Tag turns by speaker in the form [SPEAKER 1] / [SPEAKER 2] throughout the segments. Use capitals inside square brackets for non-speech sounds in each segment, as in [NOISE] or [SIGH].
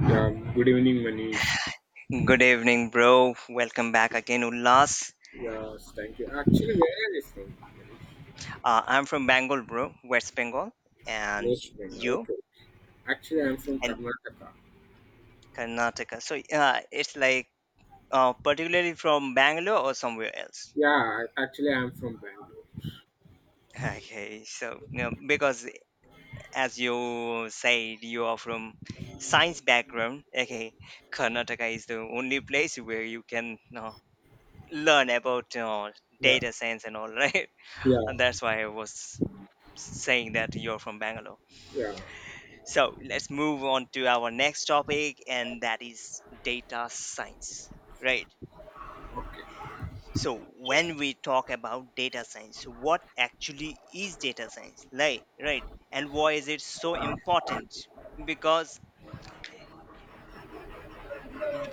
[SPEAKER 1] Yeah, good evening, Manish.
[SPEAKER 2] Good evening, bro. Welcome back again, Ullas.
[SPEAKER 1] Yes, thank you. Actually, where are you from, Manish?
[SPEAKER 2] I'm from Bengal, bro, West Bengal, and
[SPEAKER 1] West Bengal.
[SPEAKER 2] you
[SPEAKER 1] Okay. Actually, I'm from
[SPEAKER 2] and
[SPEAKER 1] Karnataka.
[SPEAKER 2] Karnataka. So it's like particularly from Bangalore or somewhere else.
[SPEAKER 1] Actually, I'm from Bangalore.
[SPEAKER 2] [LAUGHS] Okay, so you know, because as you said, you are from science background. Okay, Karnataka is the only place where you can you know, learn about
[SPEAKER 1] Yeah,
[SPEAKER 2] data science and all, [LAUGHS] right? And
[SPEAKER 1] yeah,
[SPEAKER 2] that's why I was saying that you're from Bangalore.
[SPEAKER 1] yeah.
[SPEAKER 2] So let's move on to our next topic, and that is data science, right? So, when we talk about data science, what actually is data science, like, right? And why is it so important? Because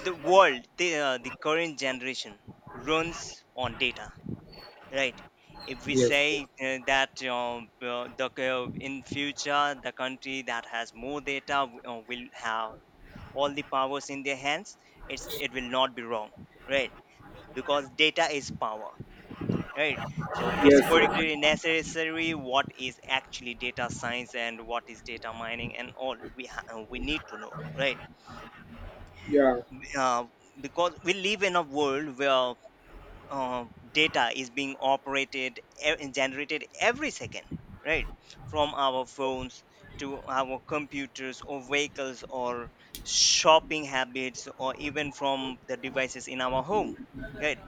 [SPEAKER 2] the world, the current generation runs on data, right? If we
[SPEAKER 1] Yes, yes,
[SPEAKER 2] say in future the country that has more data will have all the powers in their hands, it's, it will not be wrong, right? Because data is power, right? So it's
[SPEAKER 1] yes,
[SPEAKER 2] particularly necessary what is actually data science and what is data mining and all, we need to know, right?
[SPEAKER 1] yes. Yeah,
[SPEAKER 2] uh, because we live in a world where uh, data is being generated every second, right? From our phones to our computers or vehicles or shopping habits or even from the devices in our home, right?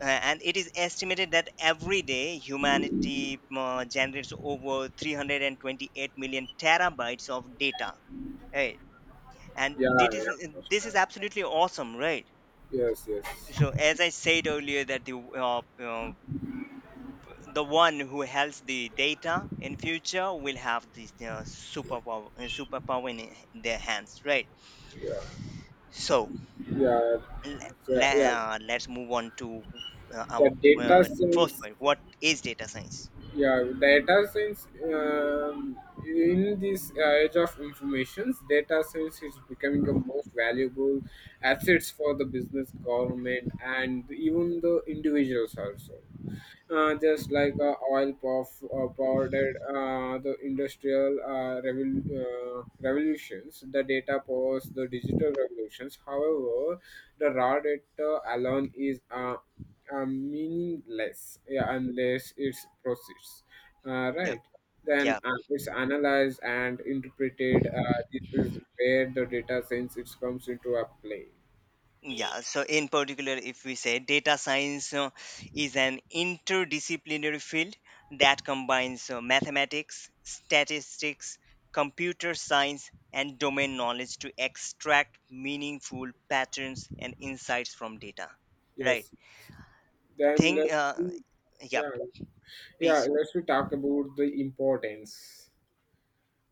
[SPEAKER 2] And it is estimated that every day humanity generates over 328 million terabytes of data, right? and
[SPEAKER 1] yeah,
[SPEAKER 2] this
[SPEAKER 1] yeah.
[SPEAKER 2] is
[SPEAKER 1] Manish.
[SPEAKER 2] this is absolutely awesome, right?
[SPEAKER 1] Yes, yes.
[SPEAKER 2] So as I said earlier that uh, uh, the one who holds the data in future will have this superpower their hands, right? So
[SPEAKER 1] Yeah,
[SPEAKER 2] le-
[SPEAKER 1] so, yeah. yeah.
[SPEAKER 2] let's move on to our
[SPEAKER 1] The data
[SPEAKER 2] first
[SPEAKER 1] science
[SPEAKER 2] point, what is data science.
[SPEAKER 1] yeah data science in this age of informations data science is becoming the most valuable assets for the business government and even the individuals also, just like oil puff, powdered the industrial revolutions, the data powers the digital revolutions. However, the raw data alone is meaningless, yeah, unless it's processed. Uh,
[SPEAKER 2] Yeah,
[SPEAKER 1] right. Then
[SPEAKER 2] yeah.
[SPEAKER 1] it's analyzed and interpreted. This is where the data science it comes into a play.
[SPEAKER 2] Yeah, so in particular, if we say, data science is an interdisciplinary field that combines mathematics, statistics, computer science, and domain knowledge to extract meaningful patterns and insights from data. Right.
[SPEAKER 1] Yes. Then
[SPEAKER 2] Thing,
[SPEAKER 1] let's.
[SPEAKER 2] yeah,
[SPEAKER 1] Yeah. Yeah,
[SPEAKER 2] please.
[SPEAKER 1] let's we talk about the importance.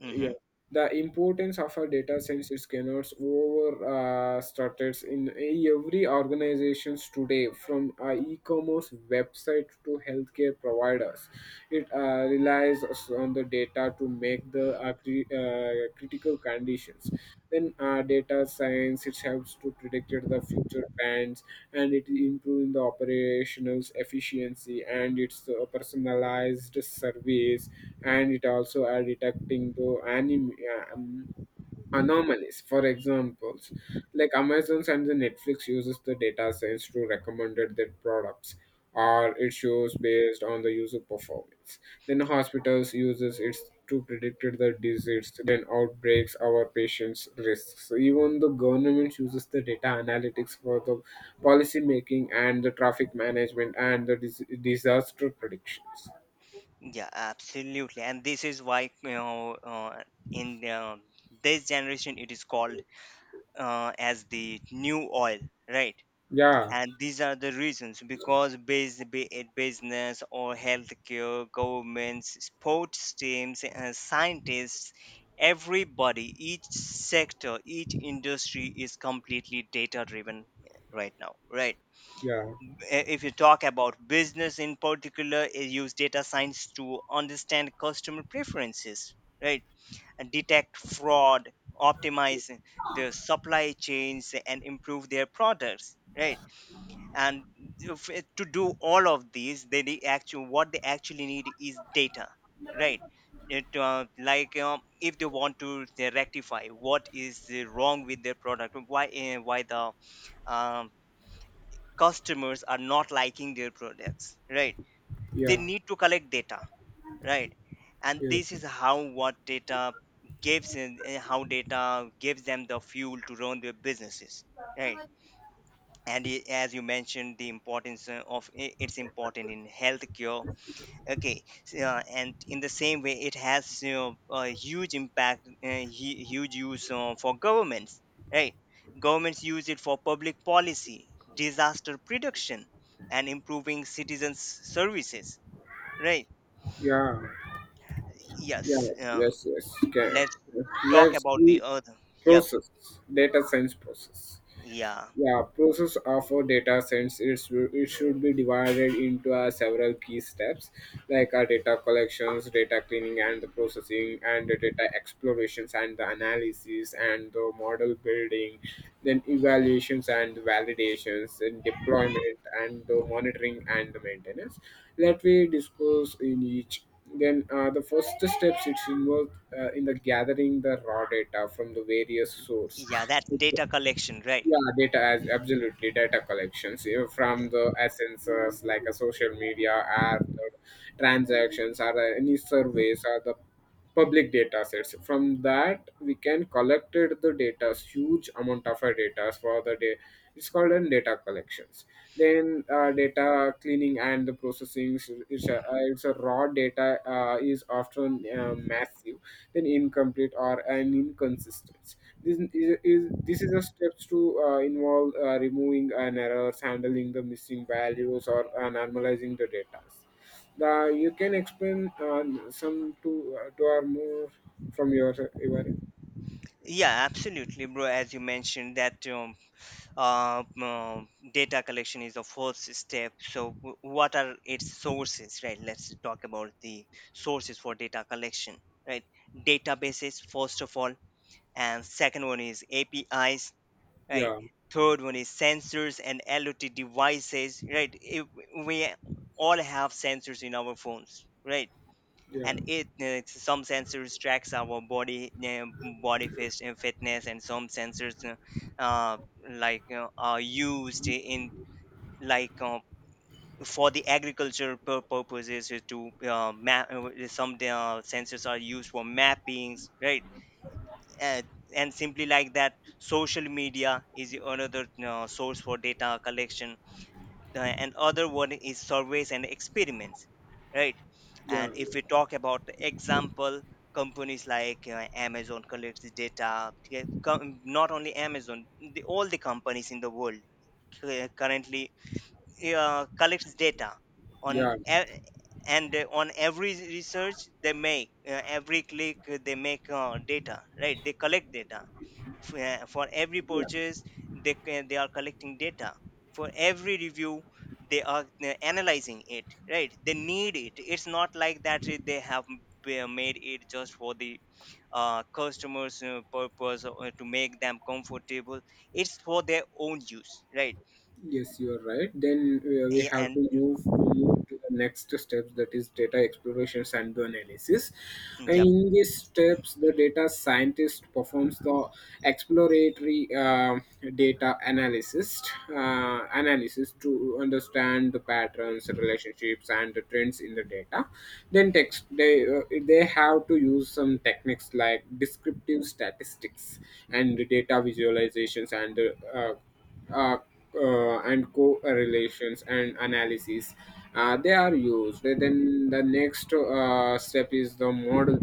[SPEAKER 2] Mm-hmm.
[SPEAKER 1] Yeah, the importance of a data science is cannot over started in every organizations today, from e-commerce website to healthcare providers. It relies on the data to make the critical conditions. Then data science it helps to predict the future trends, and it improving the operational efficiency and it's a personalized service, and it also are detecting the anomalies. For examples, like Amazon and the Netflix uses the data science to recommend their products, or it shows based on the user performance. Then hospitals uses it to predict the disease, then outbreaks, our patients' risks. So even the government uses the data analytics for the policy making and the traffic management and the disaster predictions.
[SPEAKER 2] Yeah, absolutely. And this is why, you know, in this generation, it is called as the new oil, right?
[SPEAKER 1] Yeah,
[SPEAKER 2] And these are the reasons, because based, be it business or healthcare, governments, sports teams and scientists, everybody, each sector, each industry is completely data driven right now, right?
[SPEAKER 1] yeah,
[SPEAKER 2] If you talk about business in particular, it use data science to understand customer preferences, right, and detect fraud, optimize their supply chains and improve their products, right? And if it- to do all of these they need, actually what they actually need is data, right? It, like if they want to, they rectify what is wrong with their product, why the um, customers are not liking their products, right? They
[SPEAKER 1] yeah,
[SPEAKER 2] need to collect data, right? And
[SPEAKER 1] yes,
[SPEAKER 2] this is how what data gives and how data gives them the fuel to run their businesses, right? And as you mentioned the importance it's important in healthcare. Okay, so, and in the same way it has you know, a huge impact, huge use for governments, right? Governments use it for public policy, disaster prediction and improving citizens services, right?
[SPEAKER 1] yeah, yeah,
[SPEAKER 2] Yes,
[SPEAKER 1] yes, yes. Okay.
[SPEAKER 2] let's talk
[SPEAKER 1] Let's
[SPEAKER 2] about the
[SPEAKER 1] see
[SPEAKER 2] other. Yep.
[SPEAKER 1] process, data science process.
[SPEAKER 2] Yeah.
[SPEAKER 1] Yeah, process of a data sets it should be divided into several key steps like, data collections, data cleaning and the processing, and the data explorations and the analysis, and the model building, then evaluations and validations, and deployment, and the monitoring and the maintenance. Let me discuss in each. Then the first steps it's involved in the gathering the raw data from the various source.
[SPEAKER 2] Yeah, that data collection, right?
[SPEAKER 1] Yeah, data, as absolutely data collections from the essences like a social media, art, or transactions, or any surveys, or the public data sets, from that we can collected the data, huge amount of our data for the day. It's called an data collections. Then data cleaning and the processing is a raw data is often massive, then incomplete or an inconsistent. This is a steps to involve removing an errors, handling the missing values, or normalizing the data. The, you can explain some two, two or more from your, your.
[SPEAKER 2] Yeah, absolutely, bro. As you mentioned, that uh, um, data collection is the first step, so what are its sources, right? Let's talk about the sources for data collection, right? Databases first of all, and second one is APIs, right?
[SPEAKER 1] Yeah,
[SPEAKER 2] Third one is sensors and IoT devices, right? If we all have sensors in our phones, right?
[SPEAKER 1] yeah,
[SPEAKER 2] And it some sensors tracks our body fitness, and some sensors uh, like you are used in, like for the agriculture purposes to map, some sensors are used for mappings, right? Uh, and simply like that, social media is another source for data collection, and other one is surveys and experiments, right?
[SPEAKER 1] yeah,
[SPEAKER 2] And if we talk about the example, companies like Amazon collects the data, yeah, not only Amazon, the, all the companies in the world currently collects data on
[SPEAKER 1] yeah,
[SPEAKER 2] e- and on every research they make, every click they make, data, right, they collect data. F- for every
[SPEAKER 1] yeah.
[SPEAKER 2] purchase they are collecting data, for every review they are analyzing it, right. They need it, it's not like that they have made it just for the customers purpose or to make them comfortable, it's for their own use, right?
[SPEAKER 1] Yes, you are right. Then we
[SPEAKER 2] Yeah,
[SPEAKER 1] have
[SPEAKER 2] and
[SPEAKER 1] to move to the next steps, that is data explorations and the analysis. And in these steps, the data scientist performs the exploratory data analysis, analysis to understand the patterns, relationships, and the trends in the data. Then text they have to use some techniques like descriptive statistics and data visualizations uh, uh, and correlations and analysis, they are used. Then the next step is the model,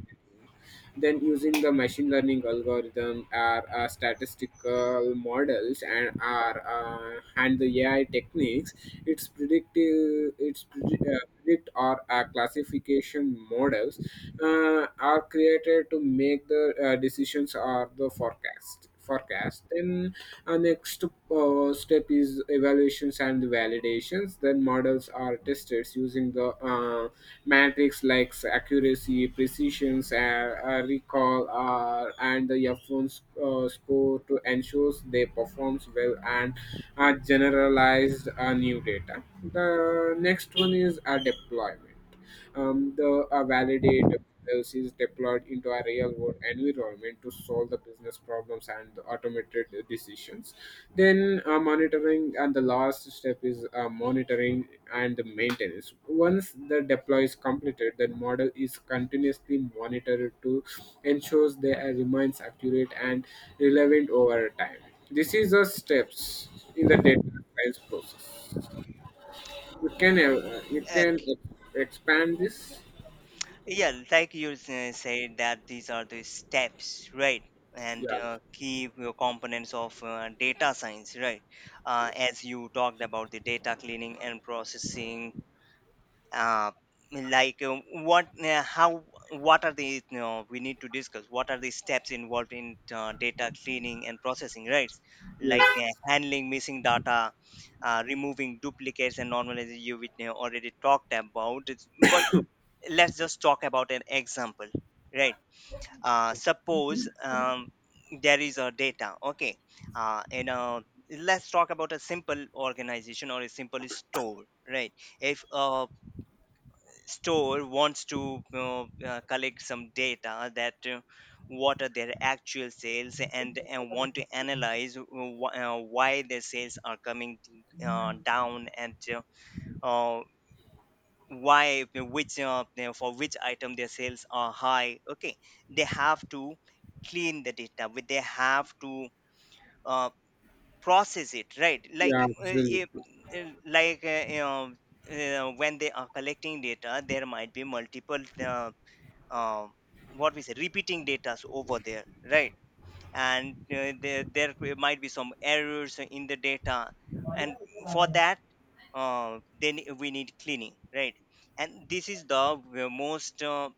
[SPEAKER 1] then using the machine learning algorithm are statistical models and are and the AI techniques. It's predictive, it's predict or classification models are created to make the decisions or the forecast. Then our next step is evaluations and validations. Then models are tested using the metrics like accuracy, precision, recall, and the f1 score to ensure they performs well and are generalized new data. The next one is a deployment. The validator is deployed into a real world environment to solve the business problems and the automated decisions. Then monitoring and the last step is monitoring and the maintenance. Once the deploy is completed, the model is continuously monitored to ensure they remains accurate and relevant over time. This is the steps in the data science process. You
[SPEAKER 2] yep.
[SPEAKER 1] can expand this.
[SPEAKER 2] Yeah, like you say said that these are the steps, right? And
[SPEAKER 1] Yeah.
[SPEAKER 2] key components of data science, right? As you talked about the data cleaning and processing, uh, like what are the, you know, we need to discuss what are the steps involved in data cleaning and processing, right? Like
[SPEAKER 1] Yes.
[SPEAKER 2] handling missing data, removing duplicates and normalizing you, which you know, already talked about. It's— but let's just talk about an example, right? Uh, suppose there is a data, okay, in a let's talk about a simple organization or a simple store, right? If a store wants to collect some data that what are their actual sales, and want to analyze why their sales are coming down, and uh, why, which for which item their sales are high, okay. They have to clean the data, but they have to uh, process it, right? Like
[SPEAKER 1] Yeah.
[SPEAKER 2] if,
[SPEAKER 1] Absolutely.
[SPEAKER 2] like you know, when they are collecting data there might be multiple uh, what we say repeating data over there, right? And there might be some errors in the data, and for that, then we need cleaning, right? And this is the most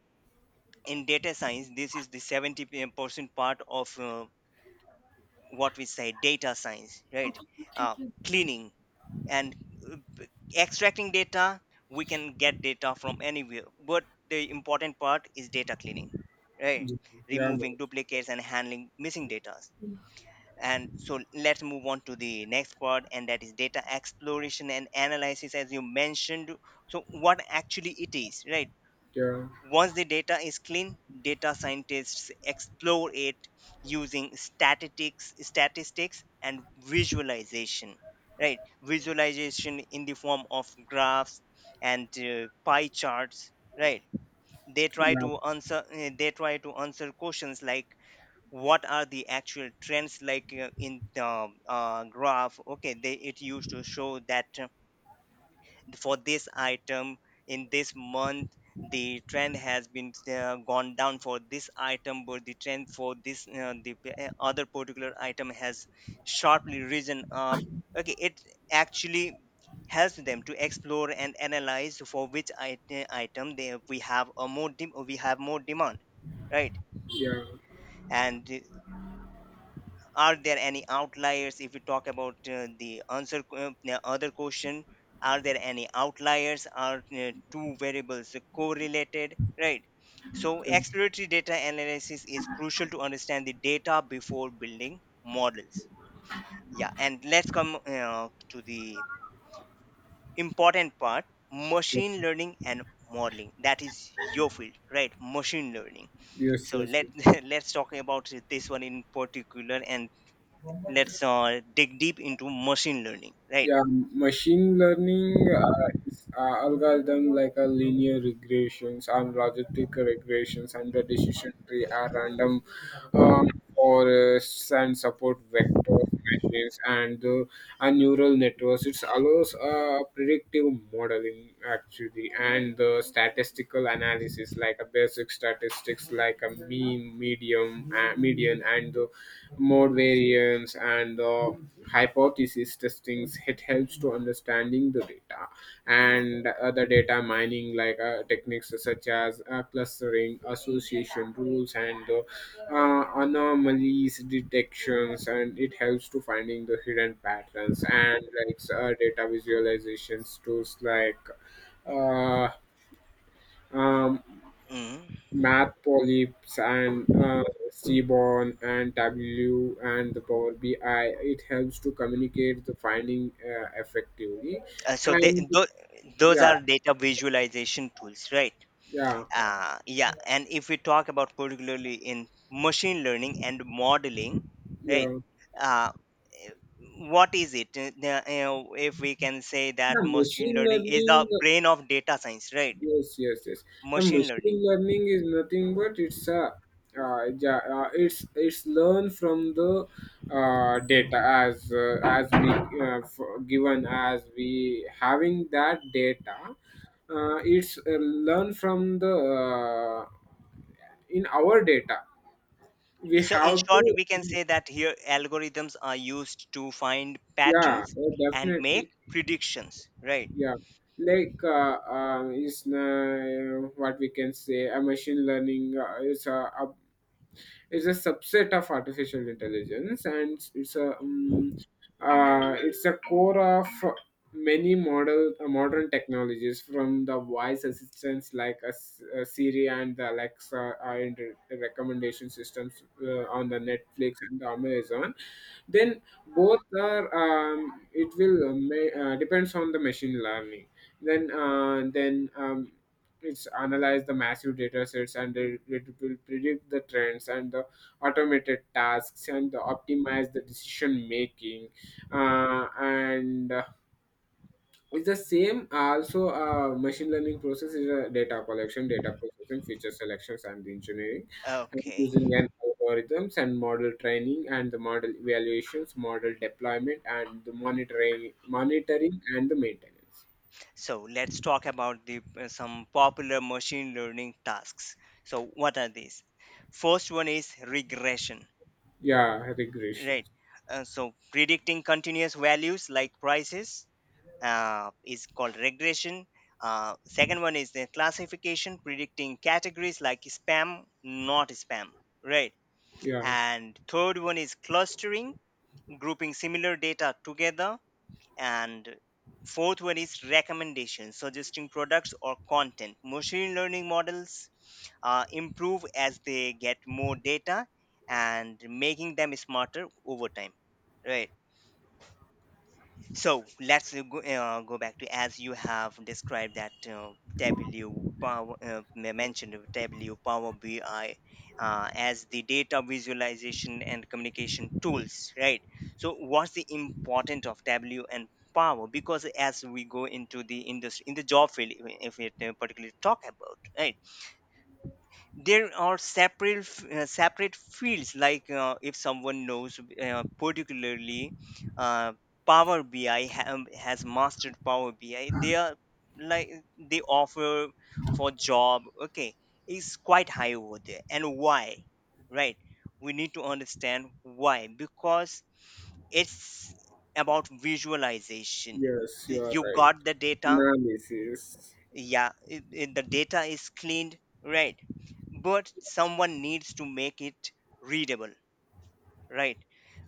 [SPEAKER 2] in data science this is the 70% part of what we say data science, right? Uh, cleaning and uh, b- extracting data. We can get data from anywhere, but the important part is data cleaning, right?
[SPEAKER 1] Yeah.
[SPEAKER 2] Removing duplicates
[SPEAKER 1] Manoj.
[SPEAKER 2] and handling missing data. And so let's move on to the next part, and that is data exploration and analysis, as you mentioned. So what actually it is, right?
[SPEAKER 1] Yeah. Yeah.
[SPEAKER 2] Once the data is clean, data scientists explore it using statistics and visualization, right? Visualization in the form of graphs and pie charts, right? They try to answer questions like what are the actual trends, like in the graph. Okay, they it used to show that for this item in this month the trend has been gone down for this item, but the trend for this other particular item has sharply risen up, okay. It actually helps them to explore and analyze for which item they, we have a more we have more demand, right?
[SPEAKER 1] Yeah.
[SPEAKER 2] And are there any outliers? If we talk about the other question, are there any outliers, are two variables correlated, right? So exploratory data analysis is crucial to understand the data before building models. Yeah, and let's come to the important part,
[SPEAKER 1] Yeah.
[SPEAKER 2] machine learning and modeling. That is your field, right? Machine learning.
[SPEAKER 1] Yes.
[SPEAKER 2] So
[SPEAKER 1] Yes.
[SPEAKER 2] let
[SPEAKER 1] Yes.
[SPEAKER 2] [LAUGHS] let's talk about this one in particular, and let's dig deep into machine learning, right?
[SPEAKER 1] Yeah, machine learning is algorithm like a linear regressions and logistic regressions, and the decision tree are random um, or and support vector machines, and the and neural networks. It allows predictive modeling actually, and the statistical analysis like a basic statistics like a mean, medium, median, and the mode, variance, and the hypothesis testing, it helps to understanding the data. And other data mining like techniques such as clustering, association rules, and anomalies detections, and it helps to finding the hidden patterns. And like data visualization tools like uh, um,
[SPEAKER 2] Mm-hmm.
[SPEAKER 1] Math Polyps, and Seaborn, and W, and the Power BI, it helps to communicate the finding effectively,
[SPEAKER 2] Uh, so
[SPEAKER 1] and
[SPEAKER 2] those
[SPEAKER 1] yeah,
[SPEAKER 2] are data visualization tools, right?
[SPEAKER 1] yeah,
[SPEAKER 2] Uh, yeah, and if we talk about particularly in machine learning and modeling, right?
[SPEAKER 1] yeah.
[SPEAKER 2] uh, eh, what is it? You know, if we can say that
[SPEAKER 1] Yeah,
[SPEAKER 2] machine
[SPEAKER 1] machine
[SPEAKER 2] learning is the
[SPEAKER 1] learning.
[SPEAKER 2] brain of data science, right?
[SPEAKER 1] Yes, yes, yes. The
[SPEAKER 2] Machine
[SPEAKER 1] machine
[SPEAKER 2] learning.
[SPEAKER 1] learning is nothing but it's a it's learn from the data, as we given, as we having that data. It's learn from the in our data. We
[SPEAKER 2] So in
[SPEAKER 1] have
[SPEAKER 2] short
[SPEAKER 1] to.
[SPEAKER 2] we can say that here algorithms are used to find
[SPEAKER 1] Yeah,
[SPEAKER 2] patterns and make
[SPEAKER 1] definitely.
[SPEAKER 2] predictions, right?
[SPEAKER 1] Yeah, like is what we can say, a machine learning is a subset of artificial intelligence, and it's a core of many model modern technologies, from the voice assistants like a, Siri and the Alexa, and recommendation systems on the Netflix and the Amazon. Then both are, it will depends on the machine learning. Then it's analyze the massive data sets, and it will predict the trends and the automated tasks, and the optimize the decision making. And It's the same also. Machine learning process is a data collection, data processing, feature selections and engineering, and
[SPEAKER 2] Okay,
[SPEAKER 1] using an algorithms, and model training, and the model evaluations, model deployment, and the monitoring and the maintenance.
[SPEAKER 2] so let's talk about the some popular machine learning tasks. So what are these? First one is regression,
[SPEAKER 1] Yeah,
[SPEAKER 2] right?
[SPEAKER 1] regressions.
[SPEAKER 2] So predicting continuous values like prices is called regression. Second one is the classification, predicting categories like spam, not spam, right?
[SPEAKER 1] Yeah.
[SPEAKER 2] And third one is clustering, grouping similar data together. And fourth one is recommendations, suggesting products or content. Machine learning models improve as they get more data, and making them smarter over time. Right. So let's go back to as you have described that mentioned of Tableau, Power BI as the data visualization and communication tools, right? So what's the importance of Tableau and Power? Because as we go into the industry, in the job field, if we, particularly talk about, right? There are separate fields like, if someone knows, particularly, uh, power bi has mastered power bi, they are like they offer for job, okay, is quite high over there. And why, right? We need to understand why, because it's about visualization.
[SPEAKER 1] Yes, you are
[SPEAKER 2] You
[SPEAKER 1] right.
[SPEAKER 2] got the data.
[SPEAKER 1] Analysis.
[SPEAKER 2] The data is cleaned, right? But someone needs to make it readable, right?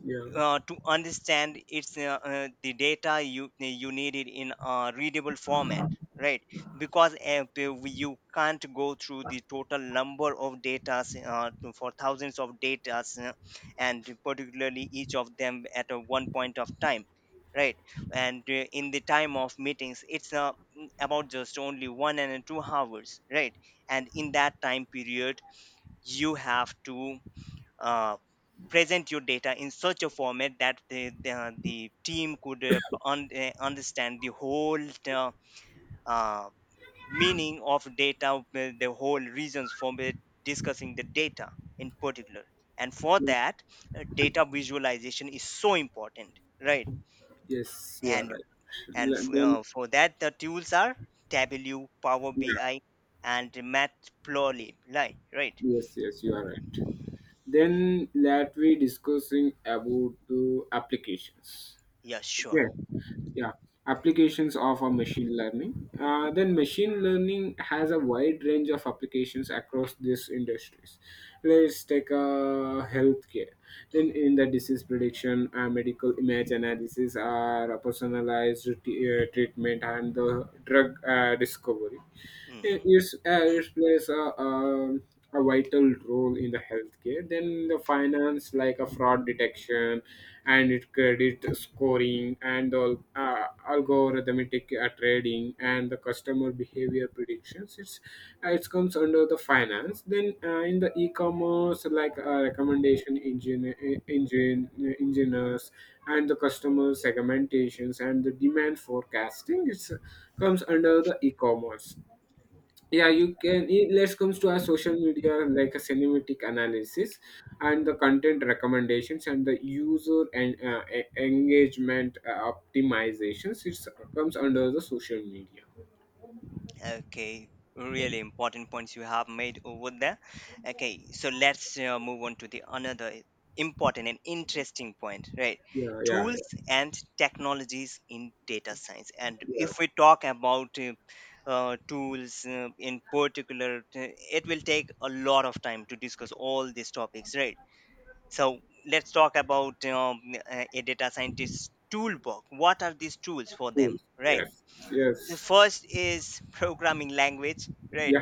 [SPEAKER 1] Yeah.
[SPEAKER 2] To understand it's the data, you need it in a readable format, right? Because, you can't go through the total number of data, for thousands of data, and particularly each of them at a one point of time, right? And in the time of meetings, it's about just only one and two hours, right? And in that time period, you have to, uh, present your data in such a format that the team could, understand the whole, uh, uh, meaning of data, the whole reasons for it, discussing the data in particular. And for that, data visualization is so important, right?
[SPEAKER 1] Yes, you are
[SPEAKER 2] And
[SPEAKER 1] right. Le- Then,
[SPEAKER 2] for that, the tools are Tableau, Power
[SPEAKER 1] yeah.
[SPEAKER 2] BI, and Matplotlib. Right, right.
[SPEAKER 1] Yes, yes, you are right. Then let we discussing about the applications.
[SPEAKER 2] Yeah, sure.
[SPEAKER 1] Okay. Yeah. Applications of a machine learning. Then machine learning has a wide range of applications across these industries. Let's take healthcare. Then in the disease prediction, medical image analysis, are personalized treatment, and the drug discovery.
[SPEAKER 2] Hmm.
[SPEAKER 1] It's, it plays a vital role in the healthcare. Then the finance, like a fraud detection, and it credit scoring, and all algorithmic trading, and the customer behavior predictions, it's it comes under the finance. Then in the e-commerce, like recommendation engineers, and the customer segmentations, and the demand forecasting, it's comes under the e-commerce. Yeah, you can it, let's comes to our social media, like a cinematic analysis, and the content recommendations, and the user and engagement optimizations, it comes under the social media.
[SPEAKER 2] Okay, really important points you have made over there. Okay, so let's, move on to the another important and interesting point, right?
[SPEAKER 1] Yeah, yeah,
[SPEAKER 2] Tools
[SPEAKER 1] yeah,
[SPEAKER 2] and technologies in data science. And
[SPEAKER 1] yeah.
[SPEAKER 2] if we talk about tools, in particular, it will take a lot of time to discuss all these topics, right? So let's talk about, a data scientist's toolbox. What are these tools for them,
[SPEAKER 1] Cool.
[SPEAKER 2] right?
[SPEAKER 1] Yes.
[SPEAKER 2] The
[SPEAKER 1] Yes.
[SPEAKER 2] first is programming language, right?
[SPEAKER 1] Yeah,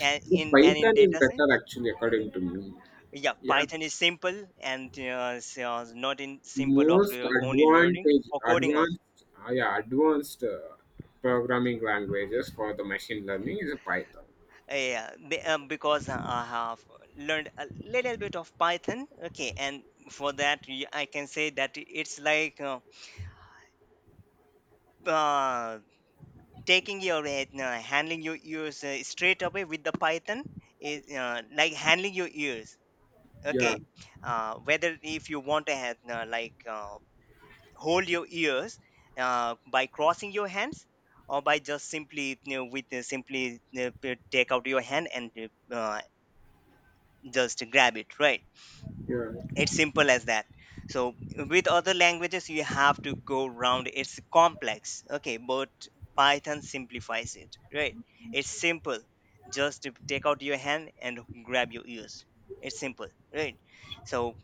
[SPEAKER 2] and
[SPEAKER 1] so
[SPEAKER 2] in and in
[SPEAKER 1] Python is
[SPEAKER 2] data
[SPEAKER 1] better,
[SPEAKER 2] science,
[SPEAKER 1] actually, according to me.
[SPEAKER 2] yeah,
[SPEAKER 1] Yeah.
[SPEAKER 2] python is simple. And not in simple of,
[SPEAKER 1] most
[SPEAKER 2] only learning
[SPEAKER 1] advantage
[SPEAKER 2] for coding also.
[SPEAKER 1] advanced. Yeah, advanced programming languages for the machine learning is Python.
[SPEAKER 2] Because I have learned a little bit of python, okay. And for that, I can say that it's like, uh, taking your, handling your ears, straight away with the python, is, like handling your ears,
[SPEAKER 1] Yeah.
[SPEAKER 2] okay. Whether if you want to have, hold your ears, by crossing your hands, or by just simply, you know, with, simply, take out your hand and, uh, just grab it, right?
[SPEAKER 1] Yeah,
[SPEAKER 2] It's simple as that. So with other languages you have to go round, it's complex, okay, but python simplifies it, right? It's simple, just to take out your hand and grab your ears. It's simple, right? So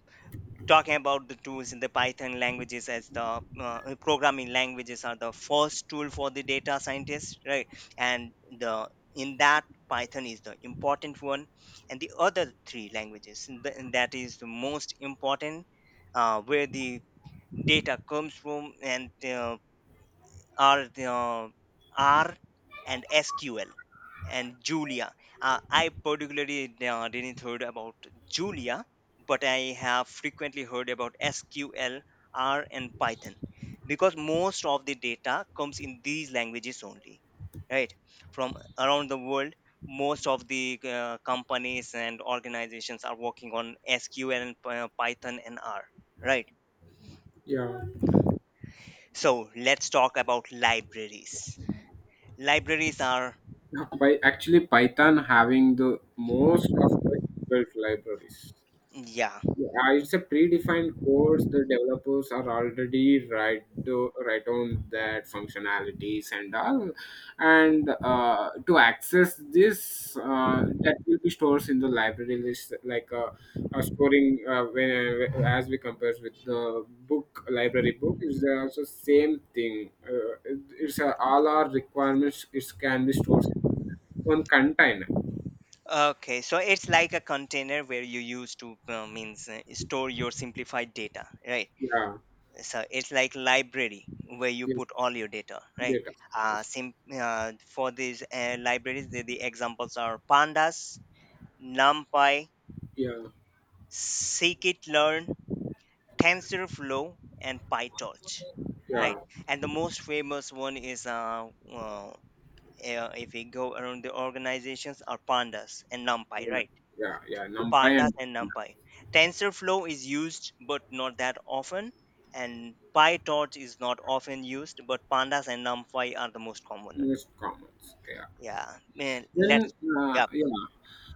[SPEAKER 2] talking about the tools in the python languages, as the, programming languages are the first tool for the data scientist, right? And the in that python is the important one, and the other three languages, and that is the most important, where the data comes from, and are the, R and SQL and Julia. I particularly didn't heard about Julia, but I have frequently heard about SQL, R, and Python, because most of the data comes in these languages only, right? From around the world, most of the, companies and organizations are working on SQL and, Python and R, right?
[SPEAKER 1] yeah.
[SPEAKER 2] So let's talk about libraries. Libraries are,
[SPEAKER 1] Now, by actually Python having the most of the built libraries.
[SPEAKER 2] yeah.
[SPEAKER 1] Yeah, it's a predefined course. The developers are already right on that functionalities and all. And to access this, that will be stores in the library list, like storing when as we compare with the book library book, is also same thing. It's all our requirements. It can be stored in one container.
[SPEAKER 2] Okay. So it's like a container where you use to, means store your simplified data, right?
[SPEAKER 1] Yeah.
[SPEAKER 2] So it's like library where you
[SPEAKER 1] Yes.
[SPEAKER 2] put all your data, right?
[SPEAKER 1] Data. Yes.
[SPEAKER 2] For these, libraries, the, examples are pandas, numpy,
[SPEAKER 1] Yeah.
[SPEAKER 2] scikit-learn, TensorFlow, and PyTorch, right?
[SPEAKER 1] Yeah.
[SPEAKER 2] And the most famous one is, if we go around the organizations, are pandas and numpy,
[SPEAKER 1] Well,
[SPEAKER 2] right?
[SPEAKER 1] yeah, yeah, NumPy
[SPEAKER 2] Pandas
[SPEAKER 1] and
[SPEAKER 2] and NumPy. TensorFlow is used but not that often, and PyTorch is not often used, but Pandas and NumPy are the most common one.
[SPEAKER 1] most common. Yeah.
[SPEAKER 2] Yeah, man,
[SPEAKER 1] Then,
[SPEAKER 2] let's. Yeah,
[SPEAKER 1] yeah,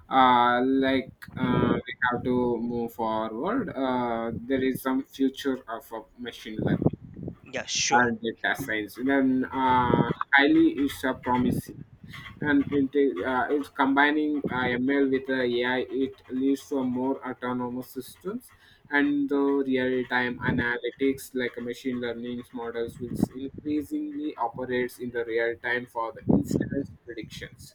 [SPEAKER 1] like we have to move forward. There is some future of machine learning
[SPEAKER 2] yeah, sure.
[SPEAKER 1] are data science. Then highly is promising, and it is it's combining ML with AI. It leads to a more autonomous systems, and the real-time analytics, like machine learning models will increasingly operates in the real time for the instance predictions,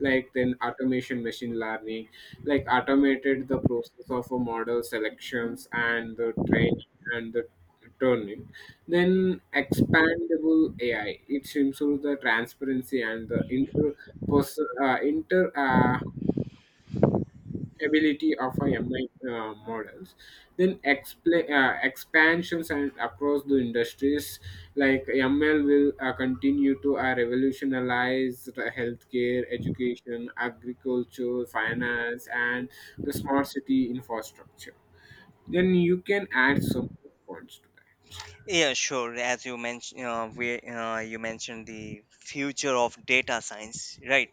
[SPEAKER 1] like then automation machine learning, like automated the process of a model selections, and the training, and the turning. Then expandable AI, it improves the transparency and the inter, pers- inter ability of a MI models. Then expansions and across the industries, like ML will continue to revolutionize the healthcare, education, agriculture, finance, and the smart city infrastructure. Then you can add some points to that.
[SPEAKER 2] Yeah, sure. As you mentioned, we you mentioned the future of data science, right?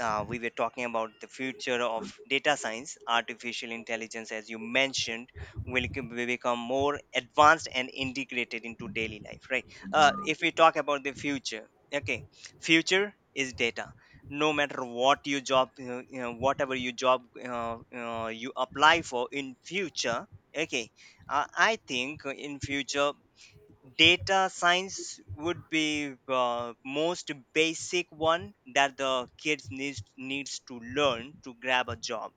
[SPEAKER 2] We were talking about the future of data science. Artificial intelligence, as you mentioned, will become more advanced and integrated into daily life, right? If we talk about the future, okay, future is data. No matter what your job, you know, whatever your job, you apply for in future, okay. I think in future, data science would be, most basic one that the kids needs to learn to grab a job,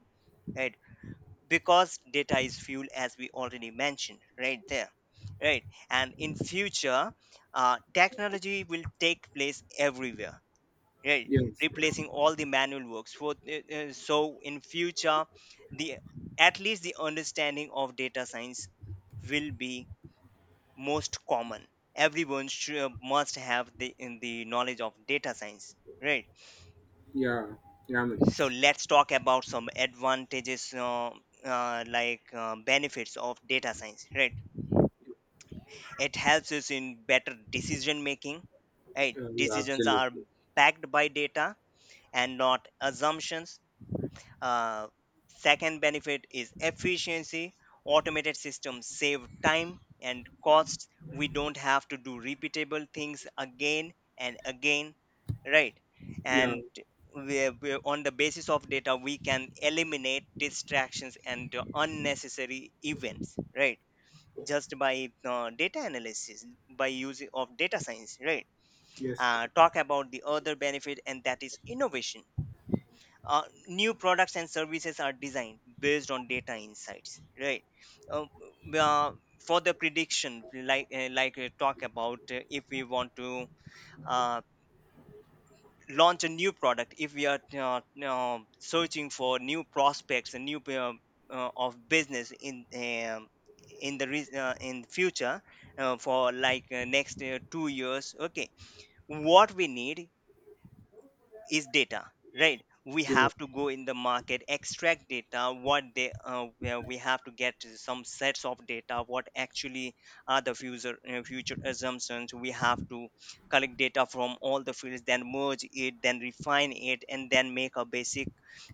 [SPEAKER 2] right? Because data is fuel, as we already mentioned right there, right? And in future, technology will take place everywhere, right,
[SPEAKER 1] Yes, yes,
[SPEAKER 2] replacing all the manual works for, so in future, the at least the understanding of data science will be most common. Everyone should, must have the in the knowledge of data science, right?
[SPEAKER 1] yeah, yeah,
[SPEAKER 2] So
[SPEAKER 1] Manish.
[SPEAKER 2] let's talk about some advantages, benefits of data science, right? It helps us in better decision making, right?
[SPEAKER 1] Yeah, yeah,
[SPEAKER 2] Decisions are
[SPEAKER 1] absolutely.
[SPEAKER 2] backed by data and not assumptions. Uh, second benefit is efficiency. Automated systems save time and costs. We don't have to do repeatable things again and again, right?
[SPEAKER 1] Yeah,
[SPEAKER 2] And on the basis of data, we can eliminate distractions and unnecessary events, right? Just by, data analysis, by using of data science, right?
[SPEAKER 1] yes, yes,
[SPEAKER 2] Talk about the other benefit, and that is innovation. Uh, new products and services are designed based on data insights, right? uh, uh, for the prediction, talk about, if we want to, uh, launch a new product, if we are, searching for new prospects and new, of business in, in future, for like next, 2 years, okay, what we need is data, right? We
[SPEAKER 1] yeah.
[SPEAKER 2] have to go in the market, extract data, what they where we have to get some sets of data, what actually are the future assumptions. We have to collect data from all the fields, then merge it, then refine it, and then make a basic,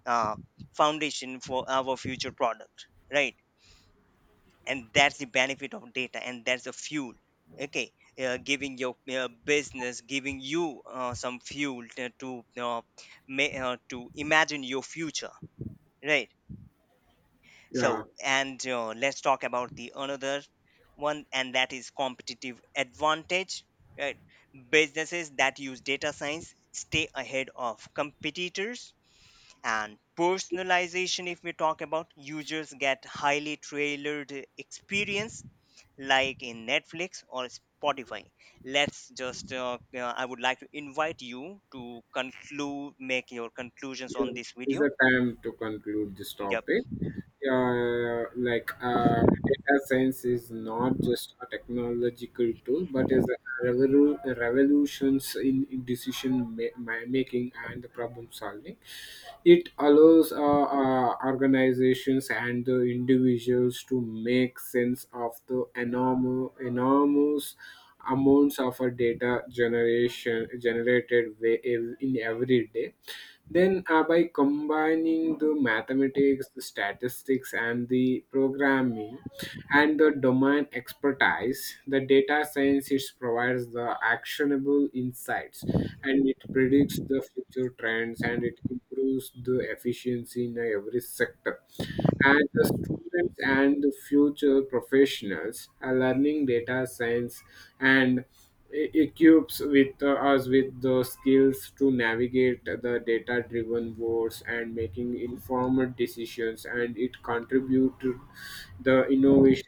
[SPEAKER 2] uh, foundation for our future product, right? And that's the benefit of data, and that's the fuel, okay, giving your, business, giving you, some fuel to imagine your future, right?
[SPEAKER 1] Yeah.
[SPEAKER 2] So and uh, let's talk about the another one, and that is competitive advantage, right? Businesses that use data science stay ahead of competitors. And personalization, if we talk about, users get highly tailored experience, like in Netflix or Spotify. Let's just, I would like to invite you to conclude, make your conclusions on
[SPEAKER 1] Yeah,
[SPEAKER 2] this
[SPEAKER 1] is
[SPEAKER 2] video.
[SPEAKER 1] the time to conclude this
[SPEAKER 2] Yeah.
[SPEAKER 1] topic. Yeah, like data science is not just a technological tool, but is a revolutions in decision making and problem solving. It allows organizations and the individuals to make sense of the enormous amounts of data generation generated in every day. Then, by combining the mathematics, the statistics, and the programming, and the domain expertise, the data science it provides the actionable valuable insights, and it predicts the future trends, and it improves the efficiency in every sector. And the students and the future professionals are learning data science, and it equips with us with the skills to navigate the data driven worlds and making informed decisions, and it contributed the innovations.